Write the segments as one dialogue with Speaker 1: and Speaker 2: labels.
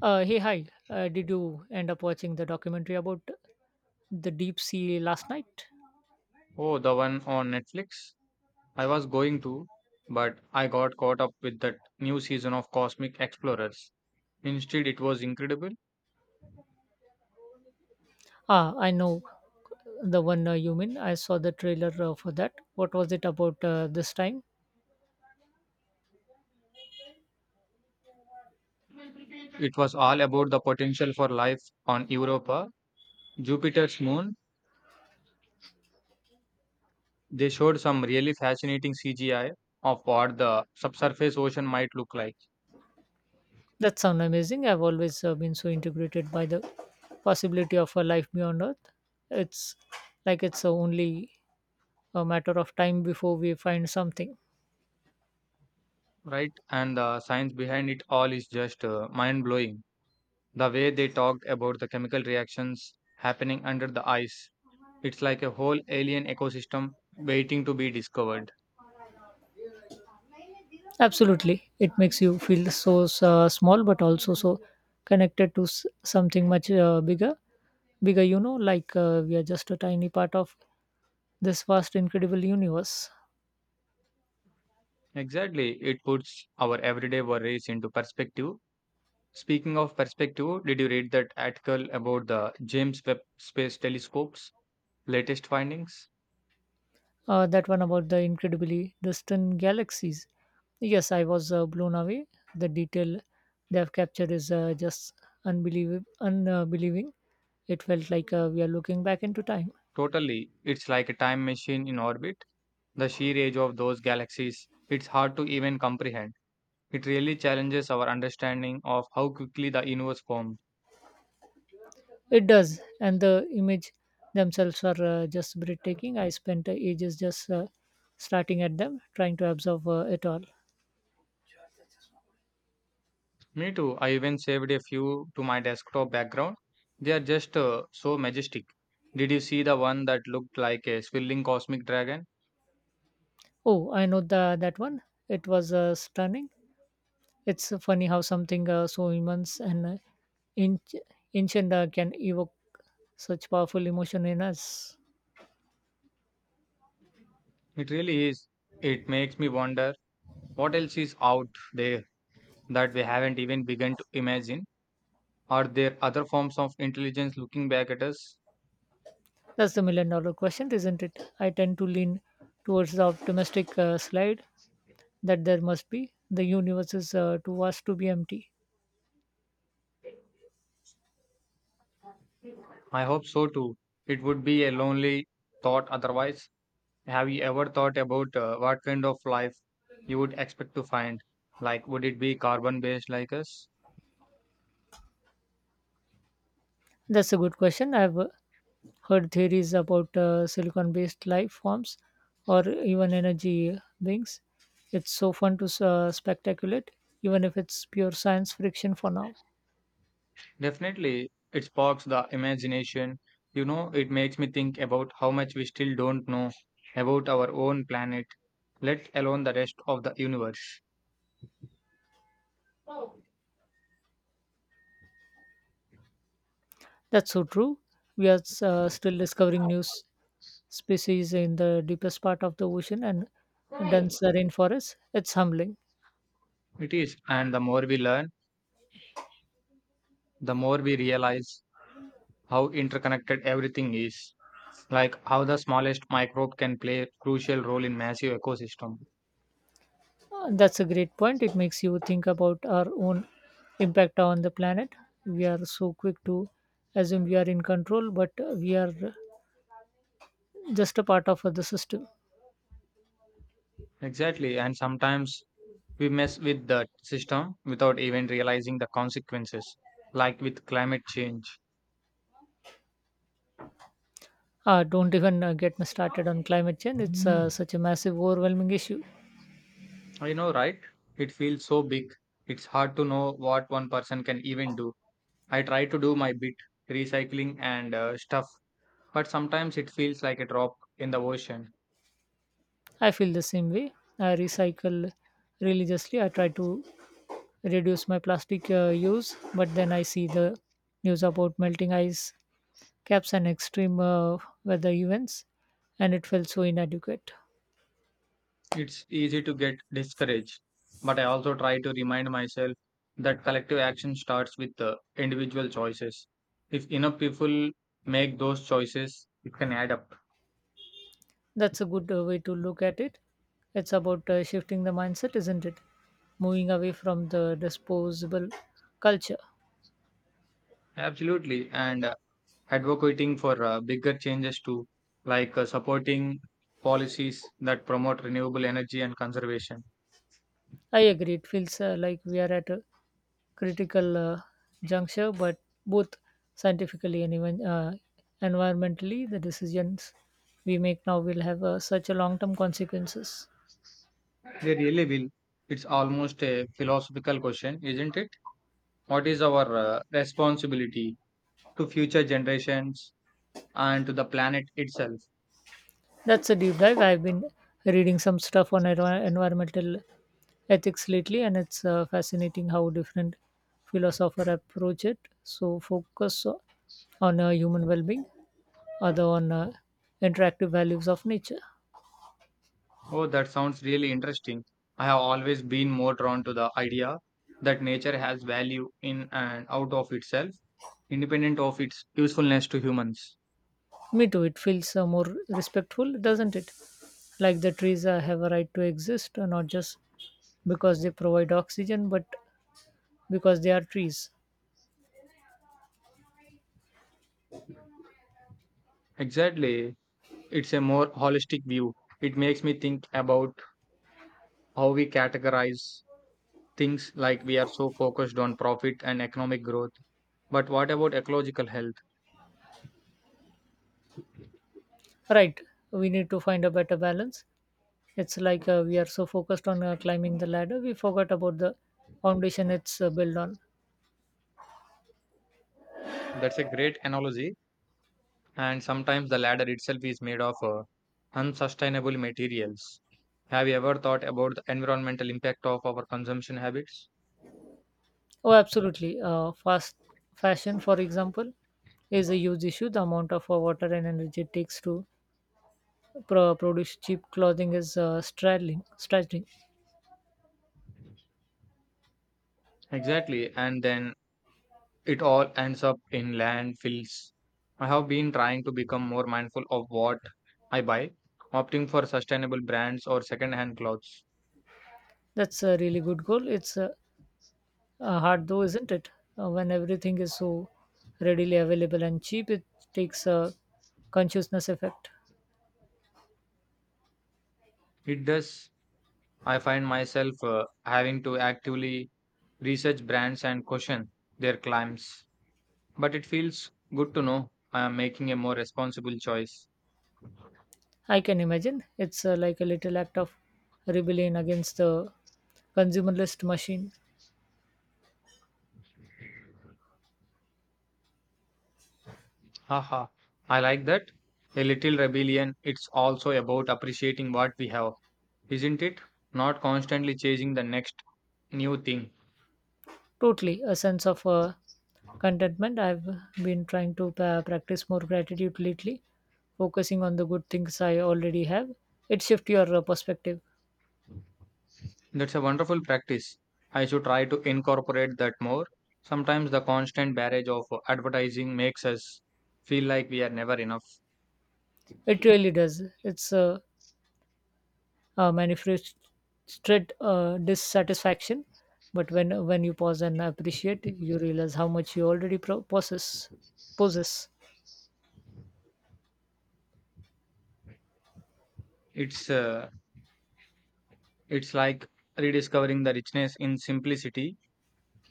Speaker 1: Hey, hi. Did you end up watching the documentary about the deep sea last night?
Speaker 2: Oh, the one on Netflix? I was going to, but I got caught up with that new season of Cosmic Explorers instead. It was incredible.
Speaker 1: Ah, I know the one you mean. I saw the trailer for that. What was it about this time?
Speaker 2: It was all about the potential for life on Europa, Jupiter's moon. They showed some really fascinating CGI of what the subsurface ocean might look like,
Speaker 1: That sounds amazing. I've always been so integrated by the possibility of a life beyond Earth. It's like it's only a matter of time before we find something.
Speaker 2: right? And the science behind it all is just mind blowing. The way they talked about the chemical reactions happening under the ice, it's like a whole alien ecosystem waiting to be discovered.
Speaker 1: Absolutely. It makes you feel so small, but also so connected to something much bigger. Bigger, like we are just a tiny part of this vast, incredible universe.
Speaker 2: Exactly. It puts our everyday worries into perspective. Speaking of perspective, did you read that article about the James Webb Space Telescope's latest findings?
Speaker 1: That one about the incredibly distant galaxies. Yes, I was blown away. The detail they have captured is just unbelievable, unbelieving. It felt like we are looking back into time.
Speaker 2: Totally. It's like a time machine in orbit. The sheer age of those galaxies, it's hard to even comprehend. It really challenges our understanding of how quickly the universe formed.
Speaker 1: It does, and the image themselves are just breathtaking. I spent ages just starting at them, trying to absorb it all.
Speaker 2: Me too. I even saved a few to my desktop background. They are just so majestic. Did you see the one that looked like a swirling cosmic dragon?
Speaker 1: Oh, I know that one. It was stunning. It's funny how something so immense and inch, ancient can evoke such powerful emotion in us.
Speaker 2: It really is. It makes me wonder what else is out there that we haven't even begun to imagine. Are there other forms of intelligence looking back at us?
Speaker 1: That's the million dollar question, isn't it? I tend to lean towards the optimistic slide that there must be. The universe is too vast to be empty.
Speaker 2: I hope so too. It would be a lonely thought otherwise. Have you ever thought about what kind of life you would expect to find? Like, would it be carbon based like us?
Speaker 1: That's a good question. I've her theories about silicon based life forms or even energy beings. It's so fun to speculate, even if it's pure science fiction for now.
Speaker 2: Definitely, it sparks the imagination. You know, it makes me think about how much we still don't know about our own planet, let alone the rest of the universe.
Speaker 1: That's so true. We are still discovering new species in the deepest part of the ocean and dense rainforests. It's humbling.
Speaker 2: It is, and the more we learn, the more we realize how interconnected everything is, like how the smallest microbe can play a crucial role in massive ecosystem.
Speaker 1: That's a great point. It makes you think about our own impact on the planet. We are so quick to assume we are in control, but we are just a part of the system.
Speaker 2: Exactly, and sometimes we mess with the system without even realizing the consequences, like with climate change.
Speaker 1: Ah, don't even get me started on climate change. It's such a massive, overwhelming issue.
Speaker 2: I know, right? It feels so big. It's hard to know what one person can even do. I try to do my bit, recycling and stuff, but sometimes it feels like a drop in the ocean.
Speaker 1: I feel the same way. I recycle religiously. I try to reduce my plastic use, but then I see the news about melting ice caps and extreme weather events, and it felt so inadequate.
Speaker 2: It's easy to get discouraged, but I also try to remind myself that collective action starts with the individual choices. If enough people make those choices, it can add up.
Speaker 1: That's a good way to look at it. It's about shifting the mindset, isn't it? Moving away from the disposable culture.
Speaker 2: Absolutely. And advocating for bigger changes too, like supporting policies that promote renewable energy and conservation.
Speaker 1: I agree. It feels like we are at a critical juncture, but both scientifically and even environmentally, the decisions we make now will have such a long-term consequences.
Speaker 2: They really will. It's almost a philosophical question, isn't it? What is our responsibility to future generations and to the planet itself?
Speaker 1: That's a deep dive. I've been reading some stuff on environmental ethics lately, and it's fascinating how different philosophers approach it. So focus on human well-being, other on interactive values of nature.
Speaker 2: Oh, that sounds really interesting. I have always been more drawn to the idea that nature has value in and out of itself, independent of its usefulness to humans.
Speaker 1: Me too. It feels more respectful, doesn't it? Like the trees have a right to exist, not just because they provide oxygen, but because they are trees.
Speaker 2: Exactly. It's a more holistic view. It makes me think about how we categorize things, like we are so focused on profit and economic growth. But what about ecological health?
Speaker 1: Right. We need to find a better balance. It's like we are so focused on climbing the ladder, we forgot about the foundation it's built on.
Speaker 2: That's a great analogy. And sometimes the ladder itself is made of unsustainable materials. Have you ever thought about the environmental impact of our consumption habits?
Speaker 1: Oh, absolutely. Fast fashion, for example, is a huge issue. The amount of water and energy it takes to produce cheap clothing is straddling.
Speaker 2: Exactly. And then it all ends up in landfills. I have been trying to become more mindful of what I buy, opting for sustainable brands or second-hand clothes.
Speaker 1: That's a really good goal. It's hard though, isn't it? When everything is so readily available and cheap, it takes a consciousness effect.
Speaker 2: It does. I find myself having to actively research brands and question their claims. But it feels good to know I am making a more responsible choice.
Speaker 1: I can imagine. It's like a little act of rebellion against the consumerist machine.
Speaker 2: Haha, I like that. A little rebellion, it's also about appreciating what we have, isn't it? Not constantly chasing the next new thing.
Speaker 1: Totally, a sense of contentment. I've been trying to practice more gratitude lately, focusing on the good things I already have. It shifts your perspective.
Speaker 2: That's a wonderful practice. I should try to incorporate that more. Sometimes the constant barrage of advertising makes us feel like we are never enough.
Speaker 1: It really does. It's manifested dissatisfaction. But when you pause and appreciate, you realize how much you already possess. Possess
Speaker 2: It's uh, it's like rediscovering the richness in simplicity.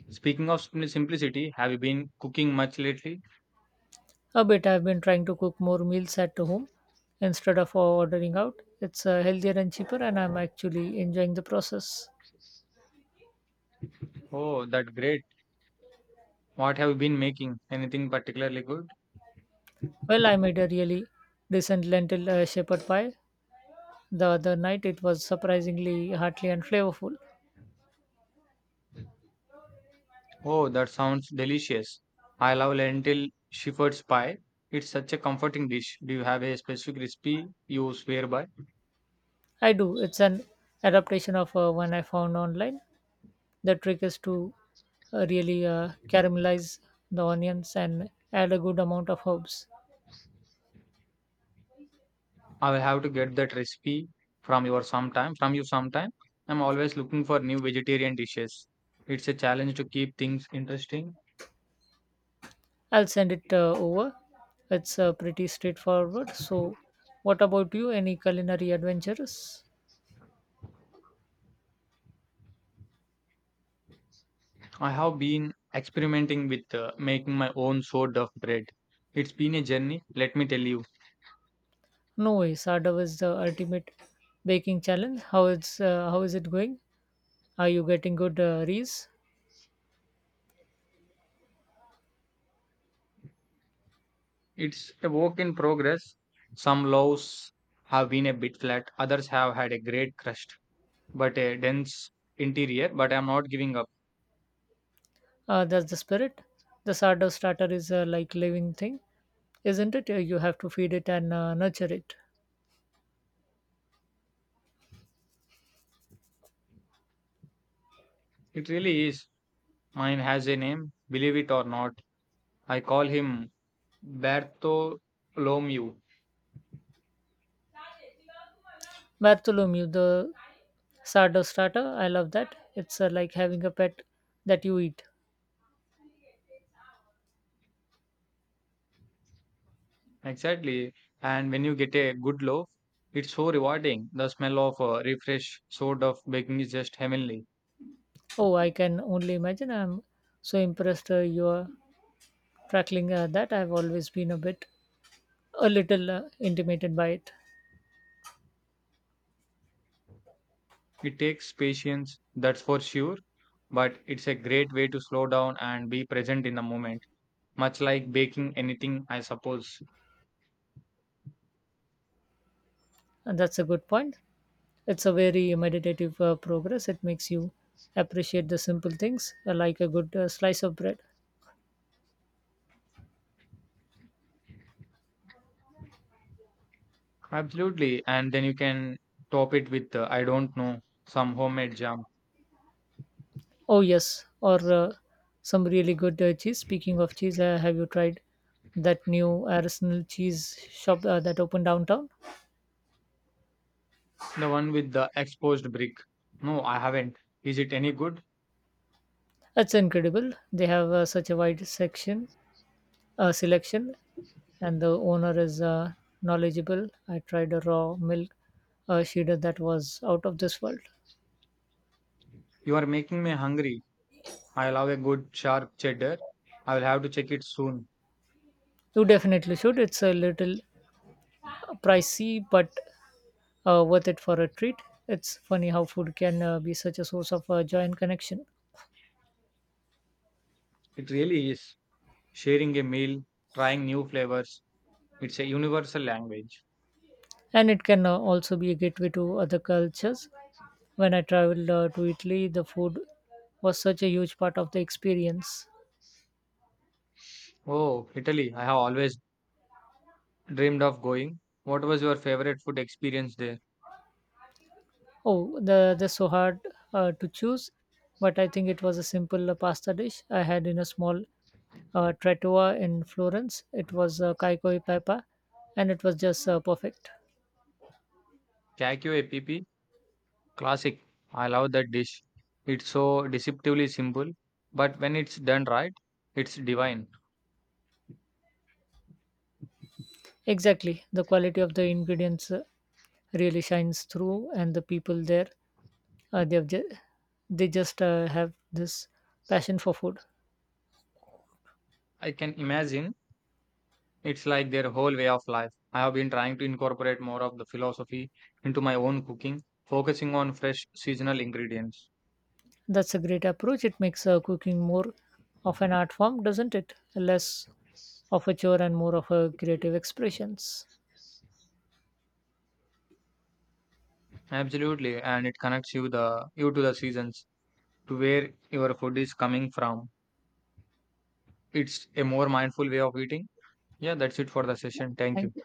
Speaker 2: Speaking of simplicity, have you been cooking much lately?
Speaker 1: a bit. I've been trying to cook more meals at home instead of ordering out. It's healthier and cheaper, and I'm actually enjoying the process.
Speaker 2: Oh, that's great. What have you been making? Anything particularly good?
Speaker 1: Well, I made a really decent lentil shepherd pie the other night. It was surprisingly hearty and flavorful.
Speaker 2: Oh, that sounds delicious. I love lentil shepherd's pie. It's such a comforting dish. Do you have a specific recipe you swear by?
Speaker 1: I do. It's an adaptation of one I found online. The trick is to really caramelize the onions and add a good amount of herbs.
Speaker 2: I will have to get that recipe from you sometime. I'm always looking for new vegetarian dishes. It's a challenge to keep things interesting.
Speaker 1: I'll send it over. It's pretty straightforward. So, what about you? Any culinary adventures?
Speaker 2: I have been experimenting with making my own sort of bread. It's been a journey, let me tell you.
Speaker 1: No way. Sardo is the ultimate baking challenge. How is it going? Are you getting good rees?
Speaker 2: It's a work in progress. Some loaves have been a bit flat, others have had a great crust, but a dense interior. But I'm not giving up.
Speaker 1: That's the spirit. The sardo starter is like living thing, isn't it? You have to feed it and nurture it.
Speaker 2: It really is. Mine has a name, believe it or not. I call him Bartholomew.
Speaker 1: Bartholomew, the sourdough starter, I love that. It's like having a pet that you eat.
Speaker 2: Exactly. And when you get a good loaf, it's so rewarding. The smell of a refresh sort of baking is just heavenly.
Speaker 1: Oh, I can only imagine. I'm so impressed you're crackling that. I've always been a little intimidated by it.
Speaker 2: It takes patience, that's for sure, but it's a great way to slow down and be present in the moment, much like baking anything, I suppose.
Speaker 1: And that's a good point. It's a very meditative progress. It makes you appreciate the simple things like a good slice of bread.
Speaker 2: Absolutely. And then you can top it with, I don't know, some homemade jam.
Speaker 1: Oh, yes. Or some really good cheese. Speaking of cheese, have you tried that new artisanal cheese shop that opened downtown?
Speaker 2: The one with the exposed brick. No, I haven't. Is it any good?
Speaker 1: That's incredible. They have such a wide section selection, and the owner is knowledgeable. I tried a raw milk cheddar that was out of this world.
Speaker 2: You are making me hungry. I love a good sharp cheddar. I will have to check it soon.
Speaker 1: You definitely should. It's a little pricey, but worth it for a treat. It's funny how food can be such a source of joy and connection,
Speaker 2: It really is. Sharing a meal, trying new flavors. It's a universal language.
Speaker 1: and it can also be a gateway to other cultures. When I traveled to Italy, the food was such a huge part of the experience.
Speaker 2: Oh, Italy. I have always dreamed of going. What was your favorite food experience there?
Speaker 1: Oh, the that's so hard to choose, but I think it was a simple pasta dish I had in a small trattoria in Florence. It was caico e pepe, and it was just perfect.
Speaker 2: Cacchio e pepe? Classic. I love that dish. It's so deceptively simple, but when it's done right, it's divine.
Speaker 1: Exactly, the quality of the ingredients really shines through, and the people there, they have they just have this passion for food.
Speaker 2: I can imagine it's like their whole way of life. I have been trying to incorporate more of the philosophy into my own cooking, focusing on fresh seasonal ingredients.
Speaker 1: That's a great approach. It makes cooking more of an art form, doesn't it? Less of a chore and more of a creative expressions.
Speaker 2: Absolutely, and it connects you to the seasons, to where your food is coming from. It's a more mindful way of eating. Yeah, that's it for the session. Thank you.
Speaker 1: Thank you.